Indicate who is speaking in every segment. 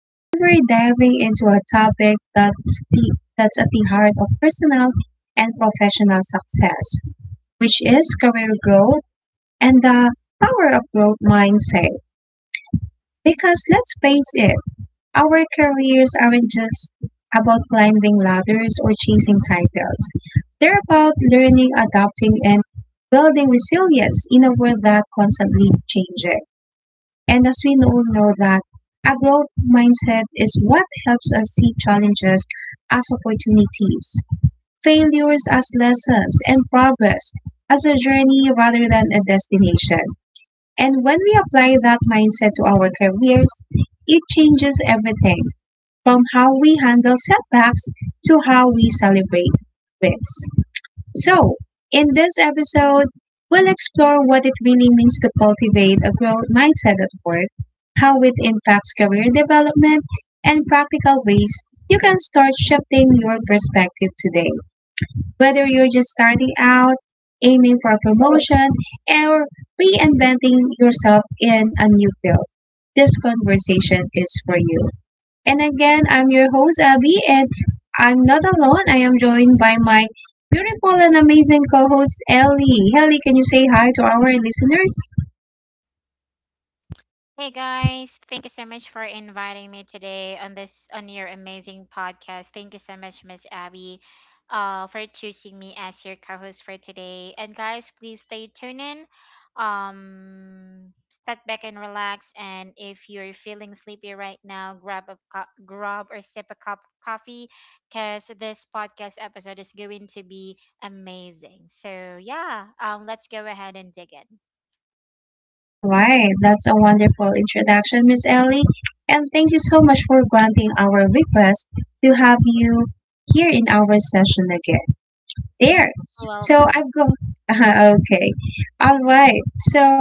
Speaker 1: Today we're diving into a topic that's at the heart of personal and professional success, which is career growth and the power of growth mindset. Because let's face it, our careers aren't just about climbing ladders or chasing titles. They're about learning, adapting, and building resilience in a world that constantly changes. And as we all know that a growth mindset is what helps us see challenges as opportunities, failures as lessons, and progress as a journey rather than a destination. And when we apply that mindset to our careers, it changes everything from how we handle setbacks to how we celebrate wins. So, in this episode, we'll explore what it really means to cultivate a growth mindset at work, how it impacts career development, and practical ways you can start shifting your perspective today. Whether you're just starting out, aiming for promotion, or reinventing yourself in a new field, this conversation is for you. And again, I'm your host, Abby, and I'm not alone. I am joined by my beautiful and amazing co host, Ellie. Ellie, can you say hi to our listeners?
Speaker 2: Hey guys, thank you so much for inviting me today on your amazing podcast. Thank you so much, Miss Abby, for choosing me as your co-host for today. And guys, please stay tuned in. Step back and relax. And if you're feeling sleepy right now, grab or sip a cup of coffee, cause this podcast episode is going to be amazing. So yeah, let's go ahead and dig in.
Speaker 1: All right, that's a wonderful introduction, Miss Ellie. And thank you so much for granting our request to have you here in our session again. There. So
Speaker 2: Welcome.
Speaker 1: I've got okay, all right. So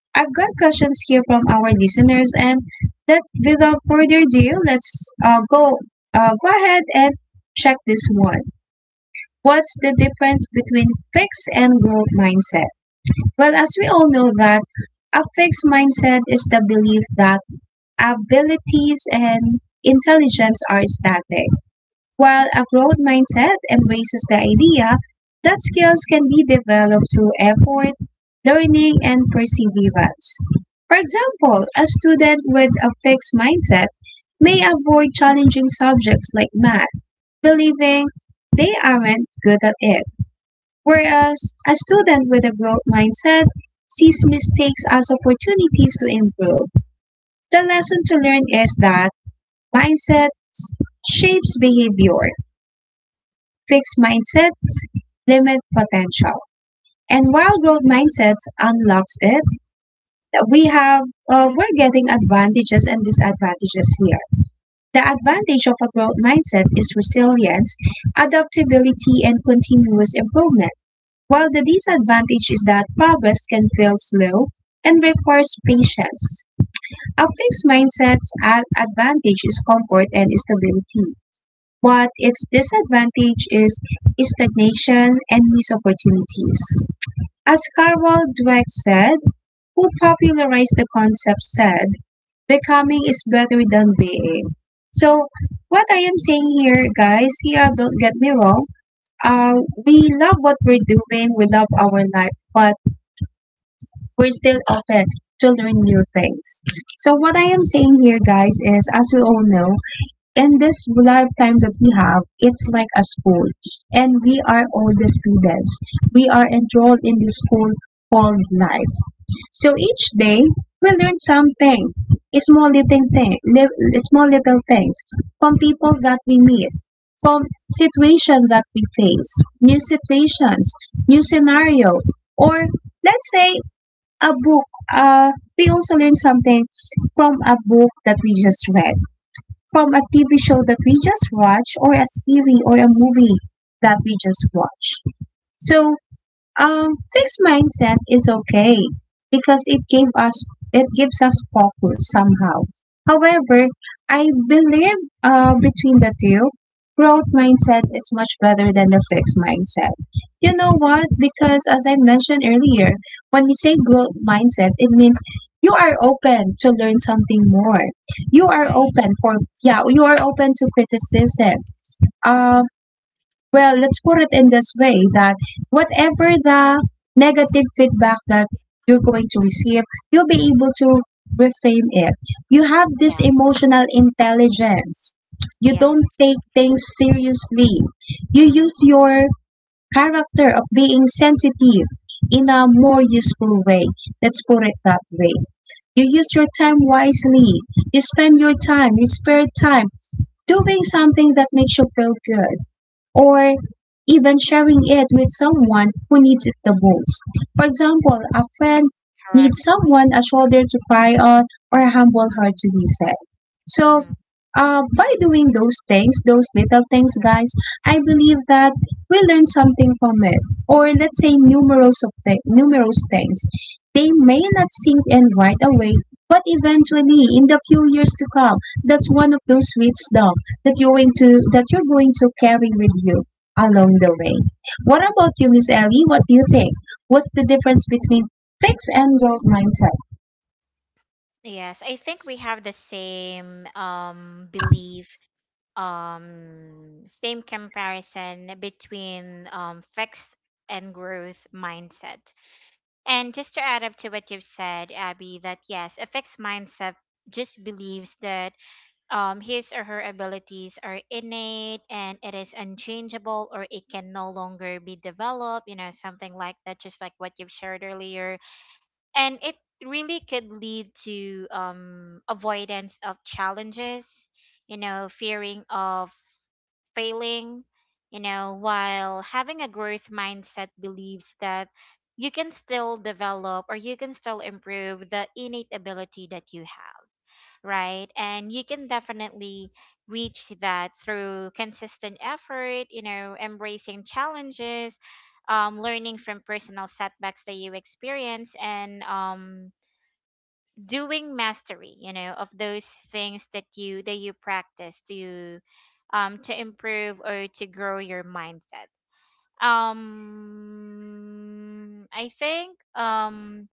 Speaker 1: I've got questions here from our listeners, and that without further ado, let's go go ahead and check this one. What's the difference between fixed and growth mindset? Well, as we all know that a fixed mindset is the belief that abilities and intelligence are static, while a growth mindset embraces the idea that skills can be developed through effort, learning, and perseverance. For example, a student with a fixed mindset may avoid challenging subjects like math, believing they aren't good at it. Whereas a student with a growth mindset sees mistakes as opportunities to improve. The lesson to learn is that mindset shapes behavior, fixed mindsets limit potential. And while growth mindsets unlocks it, we have we're getting advantages and disadvantages here. The advantage of a growth mindset is resilience, adaptability, and continuous improvement. While the disadvantage is that progress can feel slow and requires patience. A fixed mindset's advantage is comfort and stability but its disadvantage is stagnation and missed opportunities. As Karl Dweck said, who popularized the concept said, becoming is better than being. So, what I am saying here, guys, yeah, don't get me wrong. Uh, we love what we're doing, we love our life, but we're still open to learn new things. So, what I am saying here, guys, is as we all know, in this lifetime that we have, it's like a school, and we are all the students. We are enrolled in this school called life. So each day, we learn something, small little thing, small little things from people that we meet, from situation that we face, new situations, new scenario, or let's say a book. Uh, we also learn something from a book that we just read from a TV show that we just watched or a series or a movie that we just watched. So fixed mindset is okay because it gives us focus somehow. However, I believe between the two, growth mindset is much better than the fixed mindset. You know what? Because as I mentioned earlier, when we say growth mindset, it means you are open to learn something more. You are
Speaker 2: Right.
Speaker 1: open for yeah, you are open to criticism. Um,
Speaker 2: Mm,
Speaker 1: well, let's put it in this way that whatever the negative feedback that you're going to receive, you'll be able to reframe it. You have this
Speaker 2: yeah.
Speaker 1: emotional intelligence. You don't
Speaker 2: Yes.
Speaker 1: take things seriously. You
Speaker 2: Hmm.
Speaker 1: use your character of being sensitive in a more useful way. Let's put it that way. You use your time wisely. You spend your time, your spare time, doing something that makes you feel good or even sharing it with someone who needs it the most. For example, a friend needs
Speaker 2: Correct.
Speaker 1: someone, a shoulder to cry on, or a humble heart
Speaker 2: Hmm.
Speaker 1: to listen. So,
Speaker 2: Hmm.
Speaker 1: by doing those things, those little things, guys, I believe that we learn something from it, or let's say numerous things. They may not sink in right away, but eventually, in the few years to come, that's one of those wisdom that you're going to carry with you along the way. What about you, Miss Ellie? What do you think? What's the difference between fixed and growth mindset?
Speaker 2: Yes, I think we have the same belief, same comparison between fixed and growth mindset. And just to add up to what you've said, Abby, that yes, a fixed mindset just believes that his or her abilities are innate and it is unchangeable, or it can no longer be developed, you know, something like that, just like what you've shared earlier, and it really could lead to avoidance of challenges, fearing of failing, while having a growth mindset believes that you can still develop, or you can still improve the innate ability that you have, right? And you can definitely reach that through consistent effort, embracing challenges, learning from personal setbacks that you experience, and doing mastery, of those things that you practice to, to improve or to grow your mindset. I think,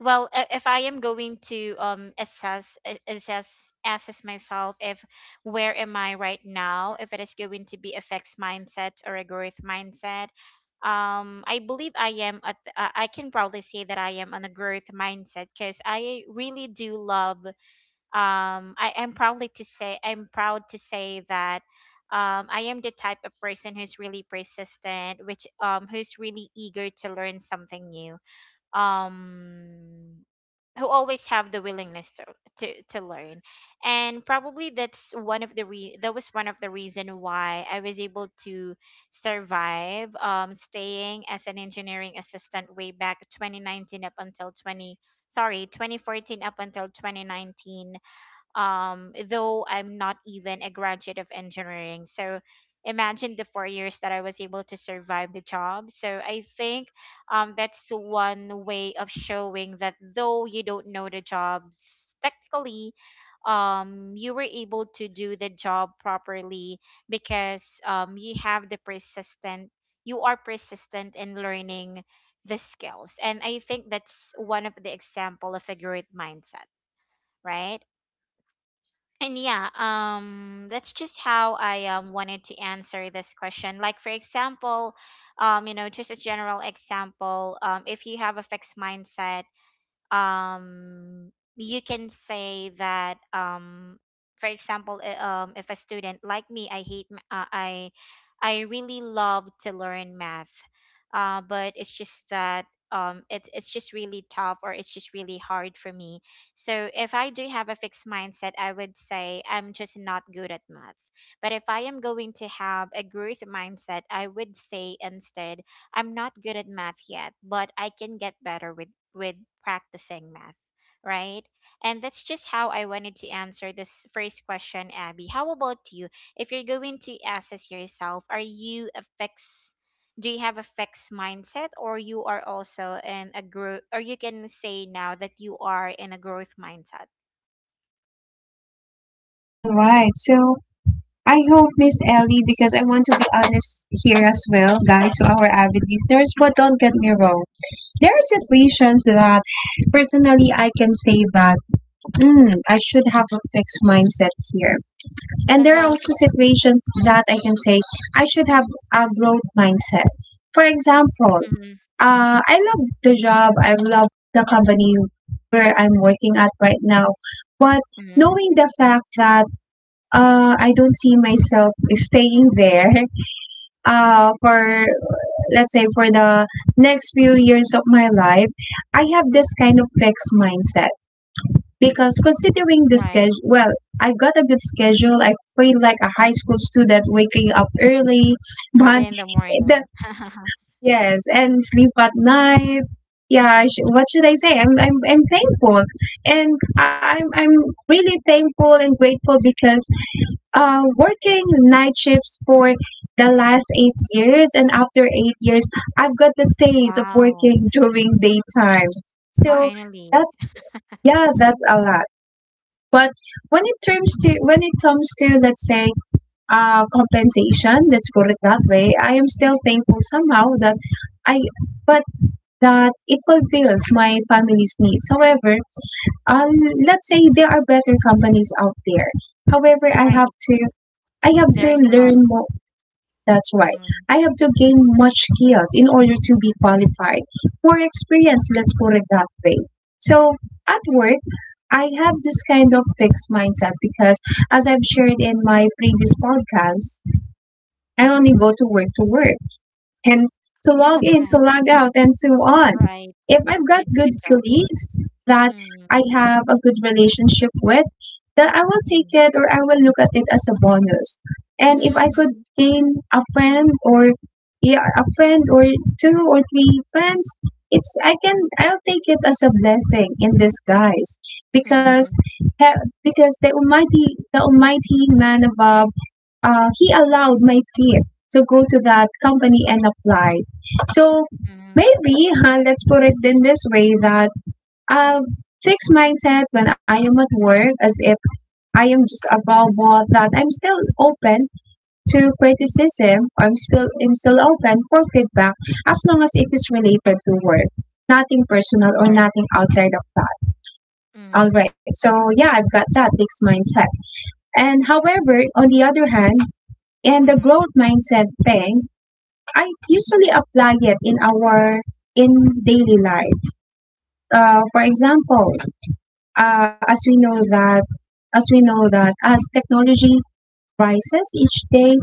Speaker 2: well, if I am going to assess a- assess assess myself, if where am I right now, if it is going to be a fixed mindset or a growth mindset, I believe I am at, I can probably say that I am on a growth mindset, because I really do love, I am proudly to say I'm proud to say that, I am the type of person who's really persistent, which who's really eager to learn something new. Um, who always have the willingness to, to learn, and probably that was one of the reason why I was able to survive, staying as an engineering assistant way back 2019 up until 20, sorry, 2014 up until 2019, though I'm not even a graduate of engineering. So imagine the 4 years that I was able to survive the job. So I think, that's one way of showing that though you don't know the jobs technically, you were able to do the job properly because, you are persistent in learning the skills. And I think that's one of the example of a growth mindset, right? And yeah, that's just how I, wanted to answer this question. Like, for example, just a general example, if you have a fixed mindset, um you can say that, for example, if a student like me, I hate ma- I really love to learn math, but it's just that, it's just really tough, or it's just really hard for me. So if I do have a fixed mindset, I would say I'm just not good at math. But if I am going to have a growth mindset, I would say instead, I'm not good at math yet, but I can get better with, with practicing math, right? And that's just how I wanted to answer this first question, Abby. How about you? If you're going to assess yourself, are you a fix? Do you have a fixed mindset, or you are also in a growth, or you can say now that you are in a growth mindset?
Speaker 1: All right. So I hope Miss Ellie, because I want to be honest here as well, guys, to our avid listeners. But don't get me wrong. There are situations that personally I can say that mm, I should have a fixed mindset here. And
Speaker 2: Uh
Speaker 1: there are
Speaker 2: huh.
Speaker 1: also situations that I can say I should have a growth mindset. For example,
Speaker 2: Hmm.
Speaker 1: I love the job, I love the company where I'm working at right now, but
Speaker 2: Hmm.
Speaker 1: knowing the fact that I don't see myself staying there for, let's say, for the next few years of my life, I have this kind of fixed mindset because considering the
Speaker 2: Right.
Speaker 1: schedule, well, I've got a good schedule. I feel like a high school student waking up early, but
Speaker 2: Early in the
Speaker 1: the,
Speaker 2: morning.
Speaker 1: yes, and sleep at night. Yeah, what should I say? I'm thankful, and I'm really thankful and grateful because working night shifts for the last eight years, and after eight years, I've got the taste of
Speaker 2: Wow!
Speaker 1: working during daytime. So
Speaker 2: Finally.
Speaker 1: that's yeah, that's a
Speaker 2: Mm.
Speaker 1: lot. But when it terms to when it comes to let's say compensation, let's put it that way, I am still thankful somehow that I but that it fulfills my family's needs. However, uh, let's say there are better companies out there. However,
Speaker 2: Right?
Speaker 1: I have to
Speaker 2: There's a lot.
Speaker 1: learn more that's right.
Speaker 2: Mhm.
Speaker 1: I have to gain much skills in order to be qualified. More experience, let's put it that way. So at work, I have this kind of fixed mindset because, as I've shared in my previous podcast, I only go to work and to log
Speaker 2: Uh,
Speaker 1: in, to log out, and so on.
Speaker 2: right,
Speaker 1: If I've got
Speaker 2: to do
Speaker 1: good
Speaker 2: the job.
Speaker 1: colleagues that
Speaker 2: Mm.
Speaker 1: I have a good relationship with, then I will take
Speaker 2: Mm.
Speaker 1: it or I will look at it as a bonus. And if I could
Speaker 2: Mhm.
Speaker 1: gain a friend or yeah, a friend or two or three friends, it's I can I'll take it as a blessing in disguise because
Speaker 2: Mhm.
Speaker 1: because the almighty man above he allowed my fear to go to that company and apply. So
Speaker 2: Mhm.
Speaker 1: maybe huh, let's put it in this way that uh, fixed mindset when I am at work, as if I am just above board, that I'm still open to criticism, or I'm still open for feedback as long as it is related to work, nothing personal or
Speaker 2: Alright.
Speaker 1: nothing outside of that. All
Speaker 2: Mhm.
Speaker 1: right, so yeah, I've got that fixed mindset. And however, on the other hand, and the
Speaker 2: Mhm.
Speaker 1: growth mindset thing, I usually apply it in our in daily life. For example, uh, as we know that as we know that as technology rises each day,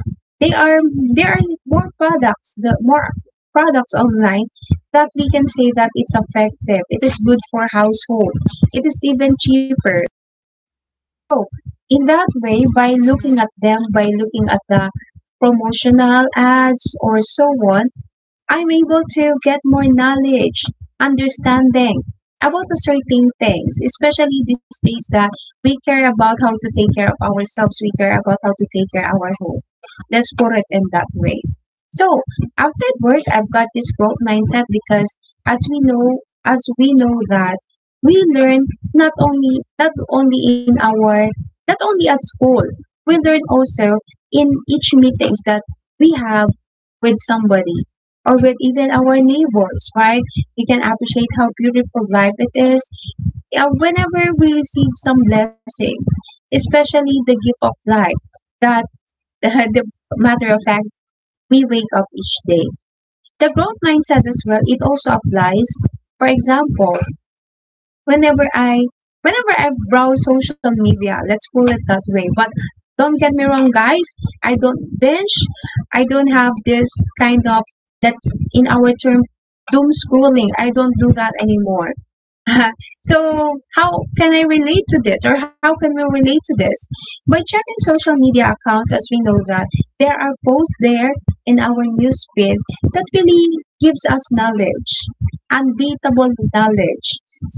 Speaker 1: they are there are more products, the more products online that we can say that it's effective. It is good for household. It is even cheaper so, in that way,
Speaker 2: Mhm.
Speaker 1: by looking at the promotional ads or so on, I'm able to get more knowledge, understanding about the certain things, especially these days that we care about how to take care of ourselves, we care about how to take care of our home. Let's put it in that way. So outside work, I've got this growth mindset because as we know that we learn not only not only in our not only at school, we learn also in each meetings that we have with somebody or with even our neighbors, right? We can appreciate how beautiful life it is whenever we receive some blessings, especially the gift of life that the matter of fact we wake up each day. The growth mindset as well, it also applies. For example, whenever I whenever I browse social media, let's call it that way. But don't get me wrong, guys. I don't binge. I don't have this kind of that's in our term doom scrolling. I don't do that anymore. So how can I relate to this or how can we relate to this? By checking social media accounts as we know that there are posts there in our news feed that really gives us knowledge, unbeatable knowledge,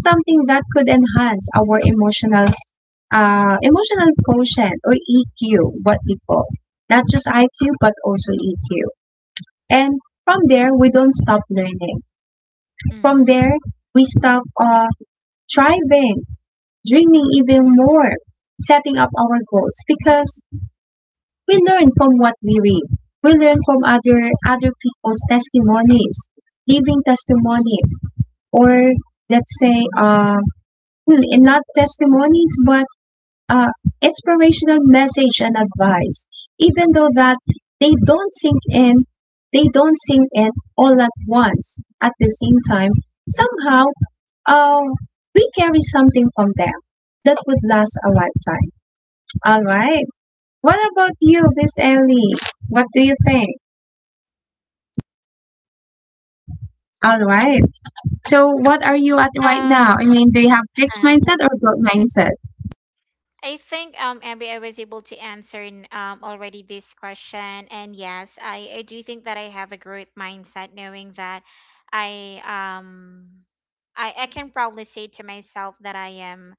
Speaker 1: something that could enhance our emotional quotient or EQ, what we call. Not just IQ but also EQ. And from there we don't stop learning. From
Speaker 2: Mhm.
Speaker 1: there we stop striving dreaming even more, setting up our goals because we learn from what we read. We learn from other people's testimonies, living testimonies, or let's say, not testimonies, but uh, inspirational message and advice. Even though that they don't sink in, they don't sink in all at once at the same time. Somehow um, we carry something from them that would last a lifetime. All right. What about you, Miss Ellie? What do you think? All right. So, what are you at right
Speaker 2: Uh,
Speaker 1: now? I mean, do you have fixed
Speaker 2: uh,
Speaker 1: mindset or growth mindset?
Speaker 2: I think, Abby, I was able to answer, already this question, and yes, I do think that I have a growth mindset, knowing that I um I can proudly say to myself that I am,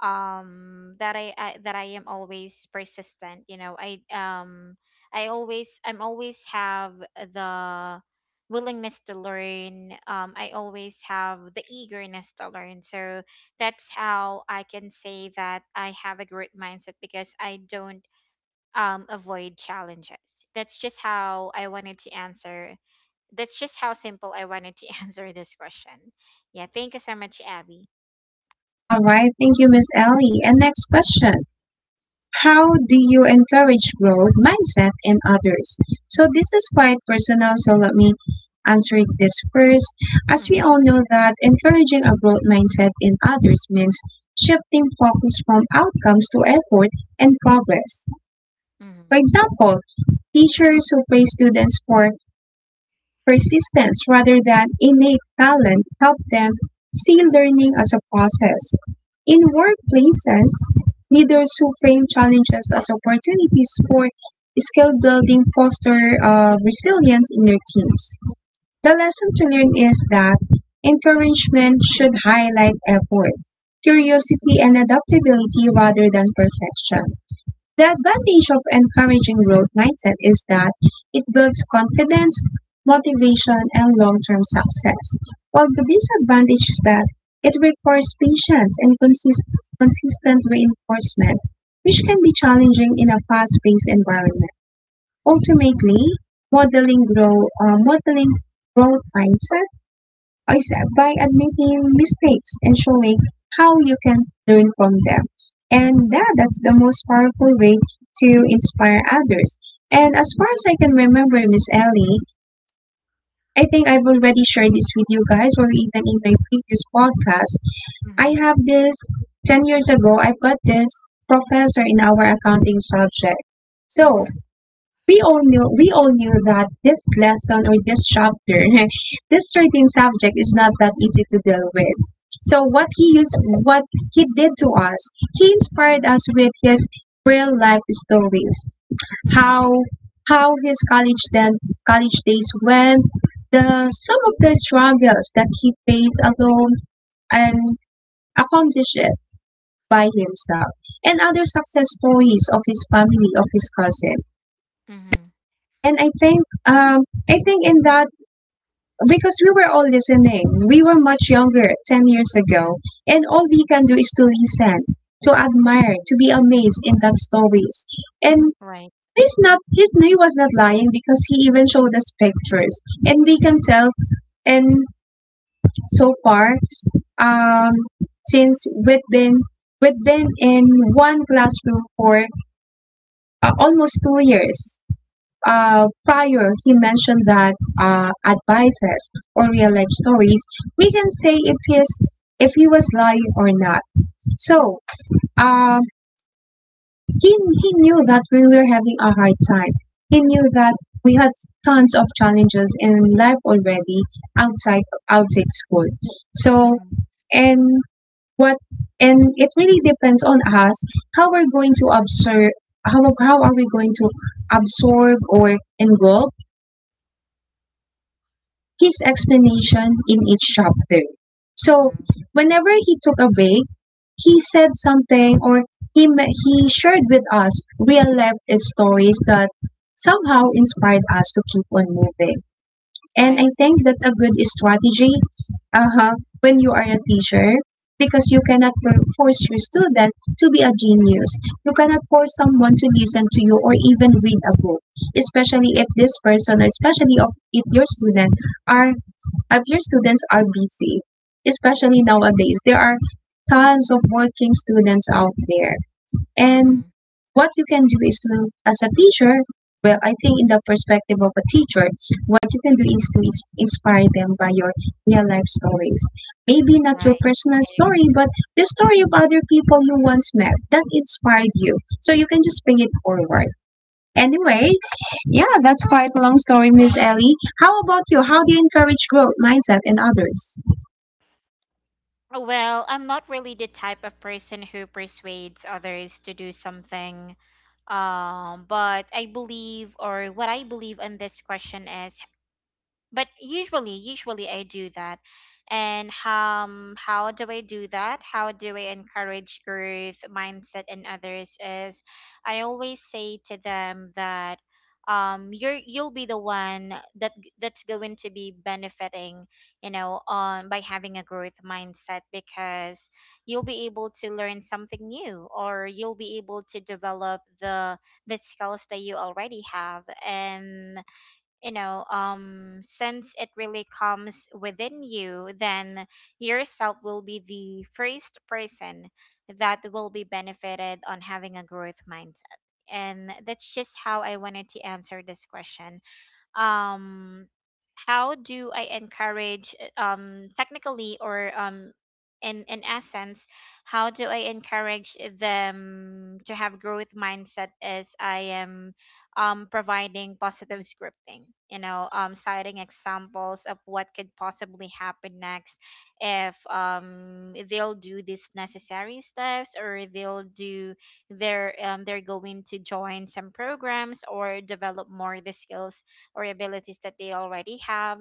Speaker 2: that I am always persistent. I'm always have the willingness to learn, I always have the eagerness to learn. So that's how I can say that I have a great mindset, because I don't avoid challenges. that's just how I wanted to answer that's just how simple I wanted to answer this question. Yeah, thank you so much, Abby.
Speaker 1: All right. Thank you, Miss Ellie. And next question. How do you encourage growth mindset in others? So this is quite personal, so let me answer this first. As we
Speaker 2: Mm-hmm.
Speaker 1: all know that encouraging a growth mindset in others means shifting focus from outcomes to effort and progress.
Speaker 2: Mm-hmm.
Speaker 1: For example, teachers who praise students for persistence rather than innate talent help them see learning as a process. In workplaces, leaders who frame challenges as opportunities for skill building foster resilience in their teams. The lesson to learn is that encouragement should highlight effort, curiosity, and adaptability rather than perfection. The advantage of encouraging growth mindset is that it builds confidence, motivation, and long-term success, while the disadvantage is that it requires patience and consistent reinforcement, which can be challenging in a fast-paced environment. Ultimately, modeling grow, modeling growth mindset is by admitting mistakes and showing how you can learn from them. And that's the most powerful way to inspire others. And as far as I can remember, Miss Ellie, I think I've already shared this with you guys or even in my previous podcast. I
Speaker 2: Mm-hmm.
Speaker 1: have this 10 years ago, I've got this professor in our accounting subject. So,
Speaker 2: Mm-hmm.
Speaker 1: we all knew that this lesson or this chapter this certain subject is not that easy to deal with, so what he did to us, he inspired
Speaker 2: Mhm.
Speaker 1: us with his real life stories,
Speaker 2: Mhm.
Speaker 1: how his college then college days went, the some of the struggles that he faced alone and accomplished it by himself, and other success stories of his family, of his cousin.
Speaker 2: Mhm.
Speaker 1: And I think in that because we were all listening, we were much younger 10 years ago, and all we can do is to listen, to admire, to
Speaker 2: Mhm.
Speaker 1: be amazed in that stories. And
Speaker 2: Right.
Speaker 1: he was not lying because he even showed us pictures, and we can tell. And so far, um, since we've been in one classroom for almost 2 years. Prior he mentioned that advices or real life stories, we can say if he's if he was lying or not. So uh, he knew that we were having a hard time. He knew that we had tons of challenges in life already outside school. So
Speaker 2: Mhm.
Speaker 1: and what and it really depends on us how we're going to observe, how are we going to absorb or engulf his explanation in each chapter. So
Speaker 2: Mhm.
Speaker 1: whenever he took a break, he said something, or he shared with us real life stories that somehow inspired us to keep on moving. And I
Speaker 2: Right.
Speaker 1: think that's a good strategy, uh-huh, when you are a teacher, because you cannot force your student to be a genius. You cannot force someone to listen to you or even read a book, especially if this person, especially if your student, are if your students are busy. Especially nowadays, there are tons of working students out there. And
Speaker 2: Mhm.
Speaker 1: what you can do is to, as a teacher, well, I think in the perspective of a teacher, what you can do is to inspire them by your real life stories. Maybe not your
Speaker 2: Right.
Speaker 1: personal
Speaker 2: I agree.
Speaker 1: story, but the story of other people you once met that inspired you. So you can just bring it forward. Anyway, yeah, that's quite a long story, Miss Ellie. How about you? How do you encourage growth mindset in others?
Speaker 2: Well, I'm not really the type of person who persuades others to do something. But I believe, or what I believe on this question is, but usually I do that. And how do I encourage growth mindset and others is, I always say to them that, you'll be the one that's going to be benefiting, on, by having a growth mindset, because you'll be able to learn something new, or you'll be able to develop the skills that you already have. And, since it really comes within you, then yourself will be the first person that will be benefited on having a growth mindset. And that's just how I wanted to answer this question. um how do I encourage, technically, or in essence, how do I encourage them to have growth mindset, as I am providing positive scripting, citing examples of what could possibly happen next, if they'll do these necessary steps, or they'll do their they're going to join some programs or develop more the skills or abilities that they already have,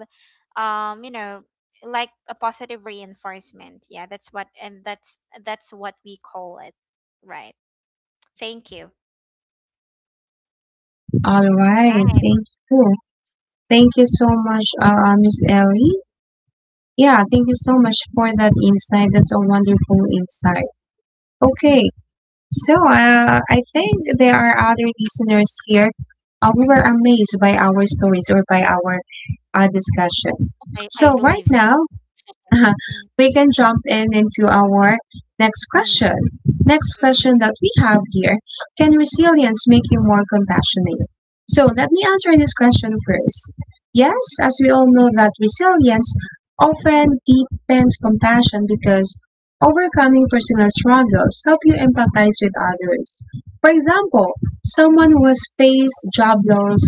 Speaker 2: um you know like a positive reinforcement. Yeah, that's what we call it, right? Thank you.
Speaker 1: All right,
Speaker 2: Right.
Speaker 1: thank you. Thank you so much, Miss Ellie. Yeah, thank you so much for that insight. That's a wonderful insight. Okay, so I think there are other listeners here who were amazed by our stories or by our discussion.
Speaker 2: I
Speaker 1: So right
Speaker 2: believe so.
Speaker 1: now,
Speaker 2: Mm.
Speaker 1: we can jump in into our next
Speaker 2: Mm.
Speaker 1: question. Next
Speaker 2: Hmm.
Speaker 1: question that we have here: can resilience make you more compassionate? So let me answer this question first. Yes, as we all know, that resilience often deepens compassion because overcoming personal struggles help you empathize with others. For example, someone who has faced job loss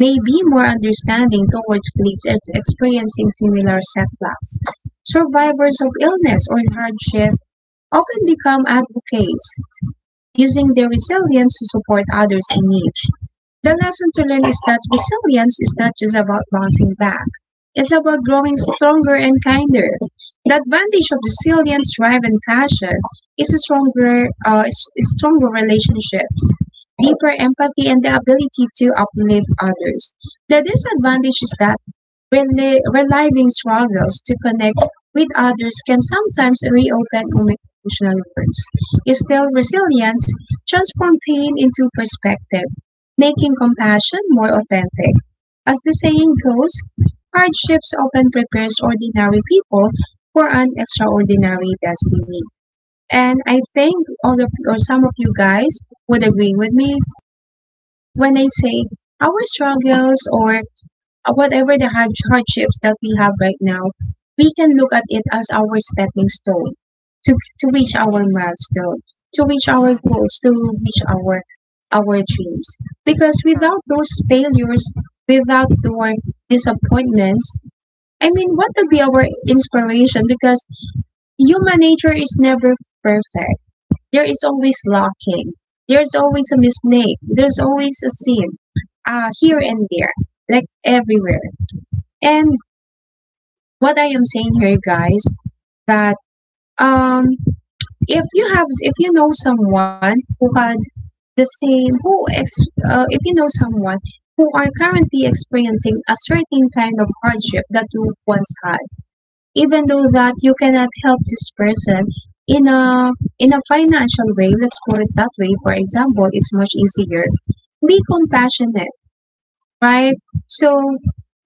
Speaker 1: may be more understanding towards colleagues experiencing similar setbacks. Survivors of illness or hardship often become advocates, using their resilience to support others in need. The lesson to learn is that resilience is not just about bouncing back. It's about growing stronger and kinder. The advantage of resilience, drive, and passion is is stronger relationships, deeper empathy, and the ability to uplift others. The disadvantage is that reliving struggles to connect with others can sometimes reopen emotional wounds, instill resilience, transform pain into perspective, making compassion more authentic. As the saying goes, hardships often prepares ordinary people for an extraordinary destiny. And I think all of or some of you guys would agree with me when I say our struggles or whatever the hardships that we have right now, we can look at it as our stepping stone to reach our
Speaker 2: Right.
Speaker 1: milestone, to reach our
Speaker 2: Uh-huh.
Speaker 1: goals, to reach our dreams. Because
Speaker 2: Correct.
Speaker 1: without those failures, without those disappointments, I mean, what would be our inspiration? Because human nature is never perfect. There is always lacking. There's always a mistake. There's always a sin, here and there, like everywhere. And what I am saying here, guys, that um, if you have, if you know someone who had the same, who ex, if you know someone who are currently experiencing a certain kind of hardship that you once had, even though that you cannot help this person in a in a financial way, let's put it that way. For example, it's much easier. Be compassionate, right? So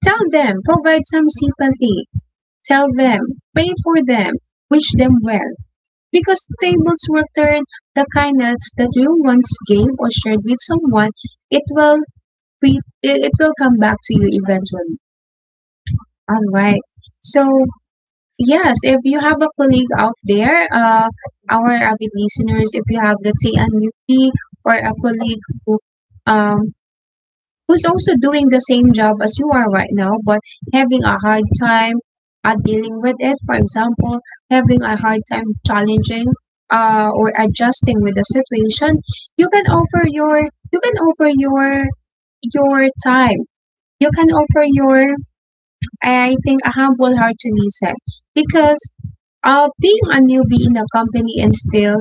Speaker 1: tell them, provide some sympathy, tell them, pay for them, wish them well, because tables will turn the kindness that you once gave or shared with someone. It will it will come back to you eventually. All right. So yes, if you have a colleague out there, our
Speaker 2: Mhm.
Speaker 1: avid listeners, if you have, let's say, a newbie or a colleague who um who's also doing the same job as you are right now, but having a
Speaker 2: Mm.
Speaker 1: hard time at dealing with it. For example, having a
Speaker 2: Right.
Speaker 1: hard time challenging or adjusting with the situation, you can offer your you can offer your your time, you can offer your, I think, a humble heart to Nissan, because being a newbie in a company and still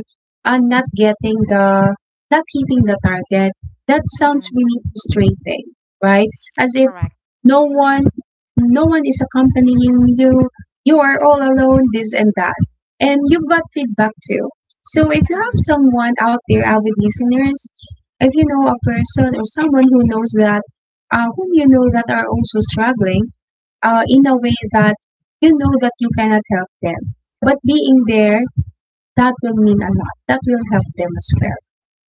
Speaker 1: not getting the, not hitting the target, that sounds
Speaker 2: Mm.
Speaker 1: really frustrating, right? As if
Speaker 2: Correct.
Speaker 1: no one, no one is accompanying you, you are all alone, this and that, and you've got feedback too. So if you have
Speaker 2: Mm-hmm.
Speaker 1: someone out there, out with listeners, if you know a person or someone who knows that whom you know that are also struggling in a way that you know that you cannot help them. But being there, that will mean a lot. That will help them as well.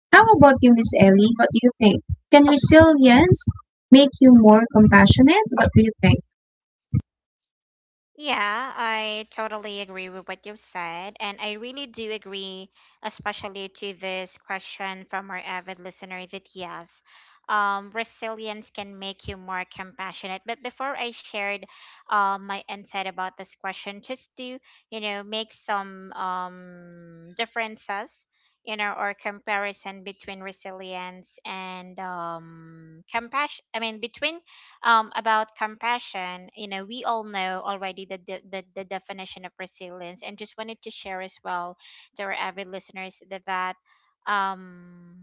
Speaker 1: How about you, Miss Ellie? What do you think? Can resilience make you more compassionate? What do you think?
Speaker 2: Yeah, I totally agree with what you've said. And I really do agree, especially to this question from our avid listener, that yes, resilience can make you more compassionate. But before I shared, my insight about this question, just to, make some, differences, or comparison between resilience and, compassion. I mean, between About compassion, we all know already the, the definition of resilience. And just wanted to share as well, to our avid listeners, that um,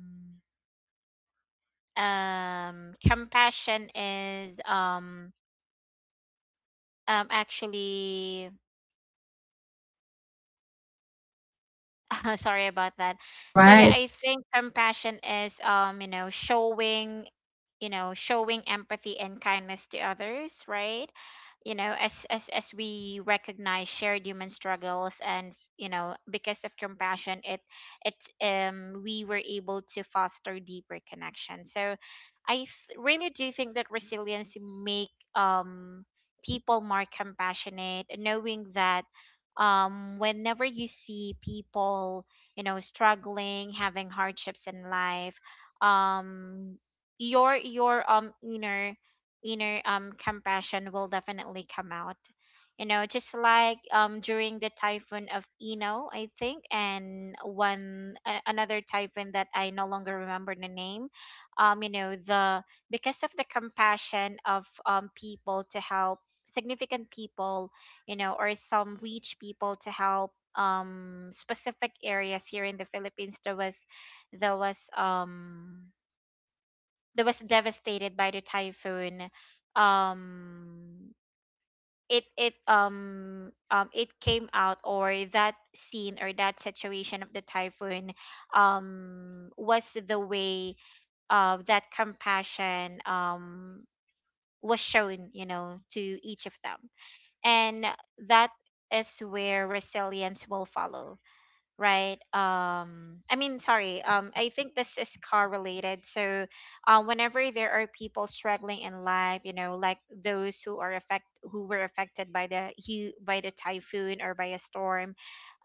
Speaker 2: compassion is, actually, sorry about that.
Speaker 1: All
Speaker 2: So
Speaker 1: right.
Speaker 2: yeah, I think compassion is showing you know showing empathy and kindness to others, right? As as we recognize shared human struggles. And, because of compassion, it we were able to foster deeper connection. So i th- really do think that resilience make, um people more compassionate, knowing that, whenever you see people, struggling, having hardships in life, um your inner compassion will definitely come out. Just like, during the typhoon of Ino, I think, and another typhoon that I no longer remember the name. You know the Because of the compassion of people to help significant people, or some rich people to help specific areas here in the Philippines, there was, there was um that was devastated by the typhoon. um it came out, or that scene, or that situation of the typhoon, was the way, that compassion was shown, to each of them. And that is where resilience will follow, right? I mean, sorry, I think this is car related. So, whenever there are people struggling in life, like those who are affect who were affected by by the typhoon, or by a storm,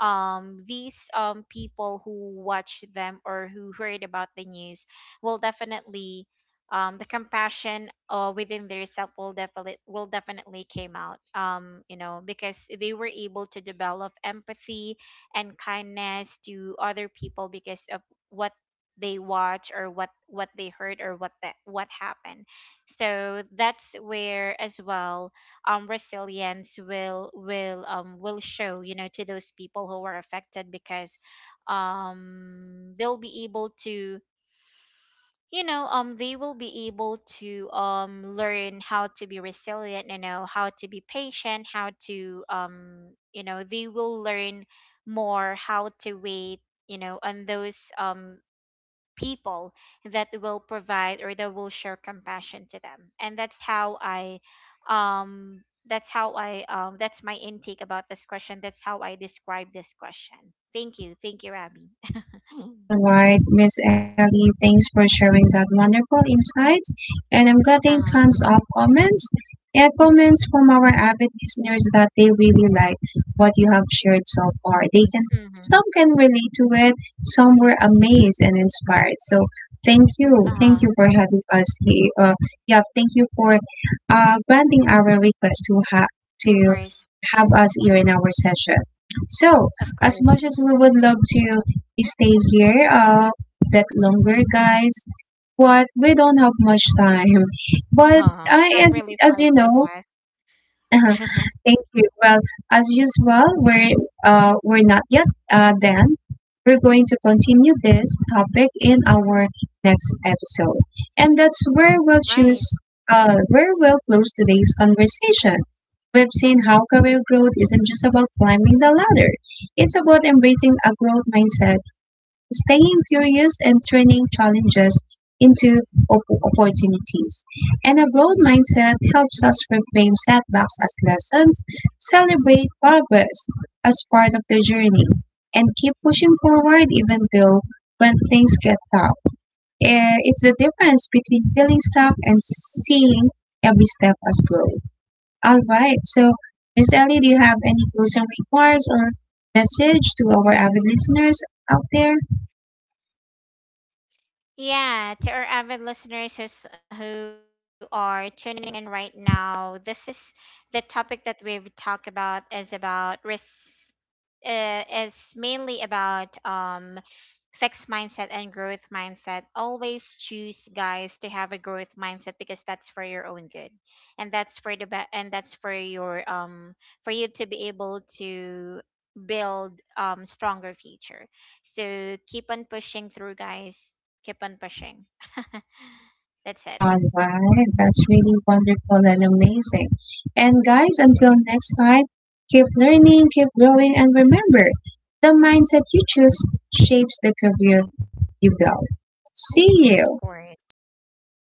Speaker 2: these people who watch them, or who heard about the news, will definitely, the compassion, within their self, will definitely, came out. Because they were able to develop empathy and kindness to other people, because of what they watch, or what they heard, or what happened. So that's where as well, resilience will show, to those people who were affected, because um they'll be able to they will be able to learn how to be resilient, how to be patient, how to, they will learn more how to wait, on those, people that will provide, or that will show compassion to them. And that's how I that's how I that's my intake about this question, that's how I describe this question. Thank you, thank you, Abby.
Speaker 1: All right, Miss Ellie, thanks for sharing that wonderful insights. And I'm getting
Speaker 2: Uh-huh.
Speaker 1: tons of comments and comments from our avid listeners that they really like what you have shared so far. They can,
Speaker 2: Hmm.
Speaker 1: some can relate to it, some were amazed and inspired. So thank you, thank
Speaker 2: Uh-huh.
Speaker 1: you for having us here. Yeah, thank you for granting our request to to
Speaker 2: Of course.
Speaker 1: have us here in our session. So,
Speaker 2: Of
Speaker 1: as
Speaker 2: course.
Speaker 1: much as we would love to stay here a bit longer, guys. But we don't have much time. But
Speaker 2: Oh, time really
Speaker 1: as you
Speaker 2: flies so
Speaker 1: know,
Speaker 2: fast.
Speaker 1: thank you. Well, as usual, we're we're not yet done. We're going to continue this topic in our next episode, and that's where we'll
Speaker 2: Right.
Speaker 1: choose where we'll close today's conversation. We've seen how career growth isn't just about climbing the ladder. It's about embracing a growth mindset, staying curious, and turning challenges into opportunities. And a growth mindset helps us reframe setbacks as lessons, celebrate progress as part of the journey, and keep pushing forward even though when things get tough. Eh, it's the difference between feeling stuck and seeing every step as growth. All right, so Miss Ellie, do you have any closing remarks or message to our avid listeners out there?
Speaker 2: Yeah, to our avid listeners who are tuning in right now, this is the topic that we've talked about, is about risk. Is mainly about, fixed mindset and growth mindset. Always choose, guys, to have a growth mindset, because that's for your own good, and that's for your, for you to be able to build, stronger future. So keep on pushing through, guys. Keep on pushing. That's it.
Speaker 1: All right, that's really wonderful and amazing. And guys, until next time, keep learning, keep growing, and remember the mindset you choose shapes the career you build. See
Speaker 2: Of
Speaker 1: you.
Speaker 2: course, thank you so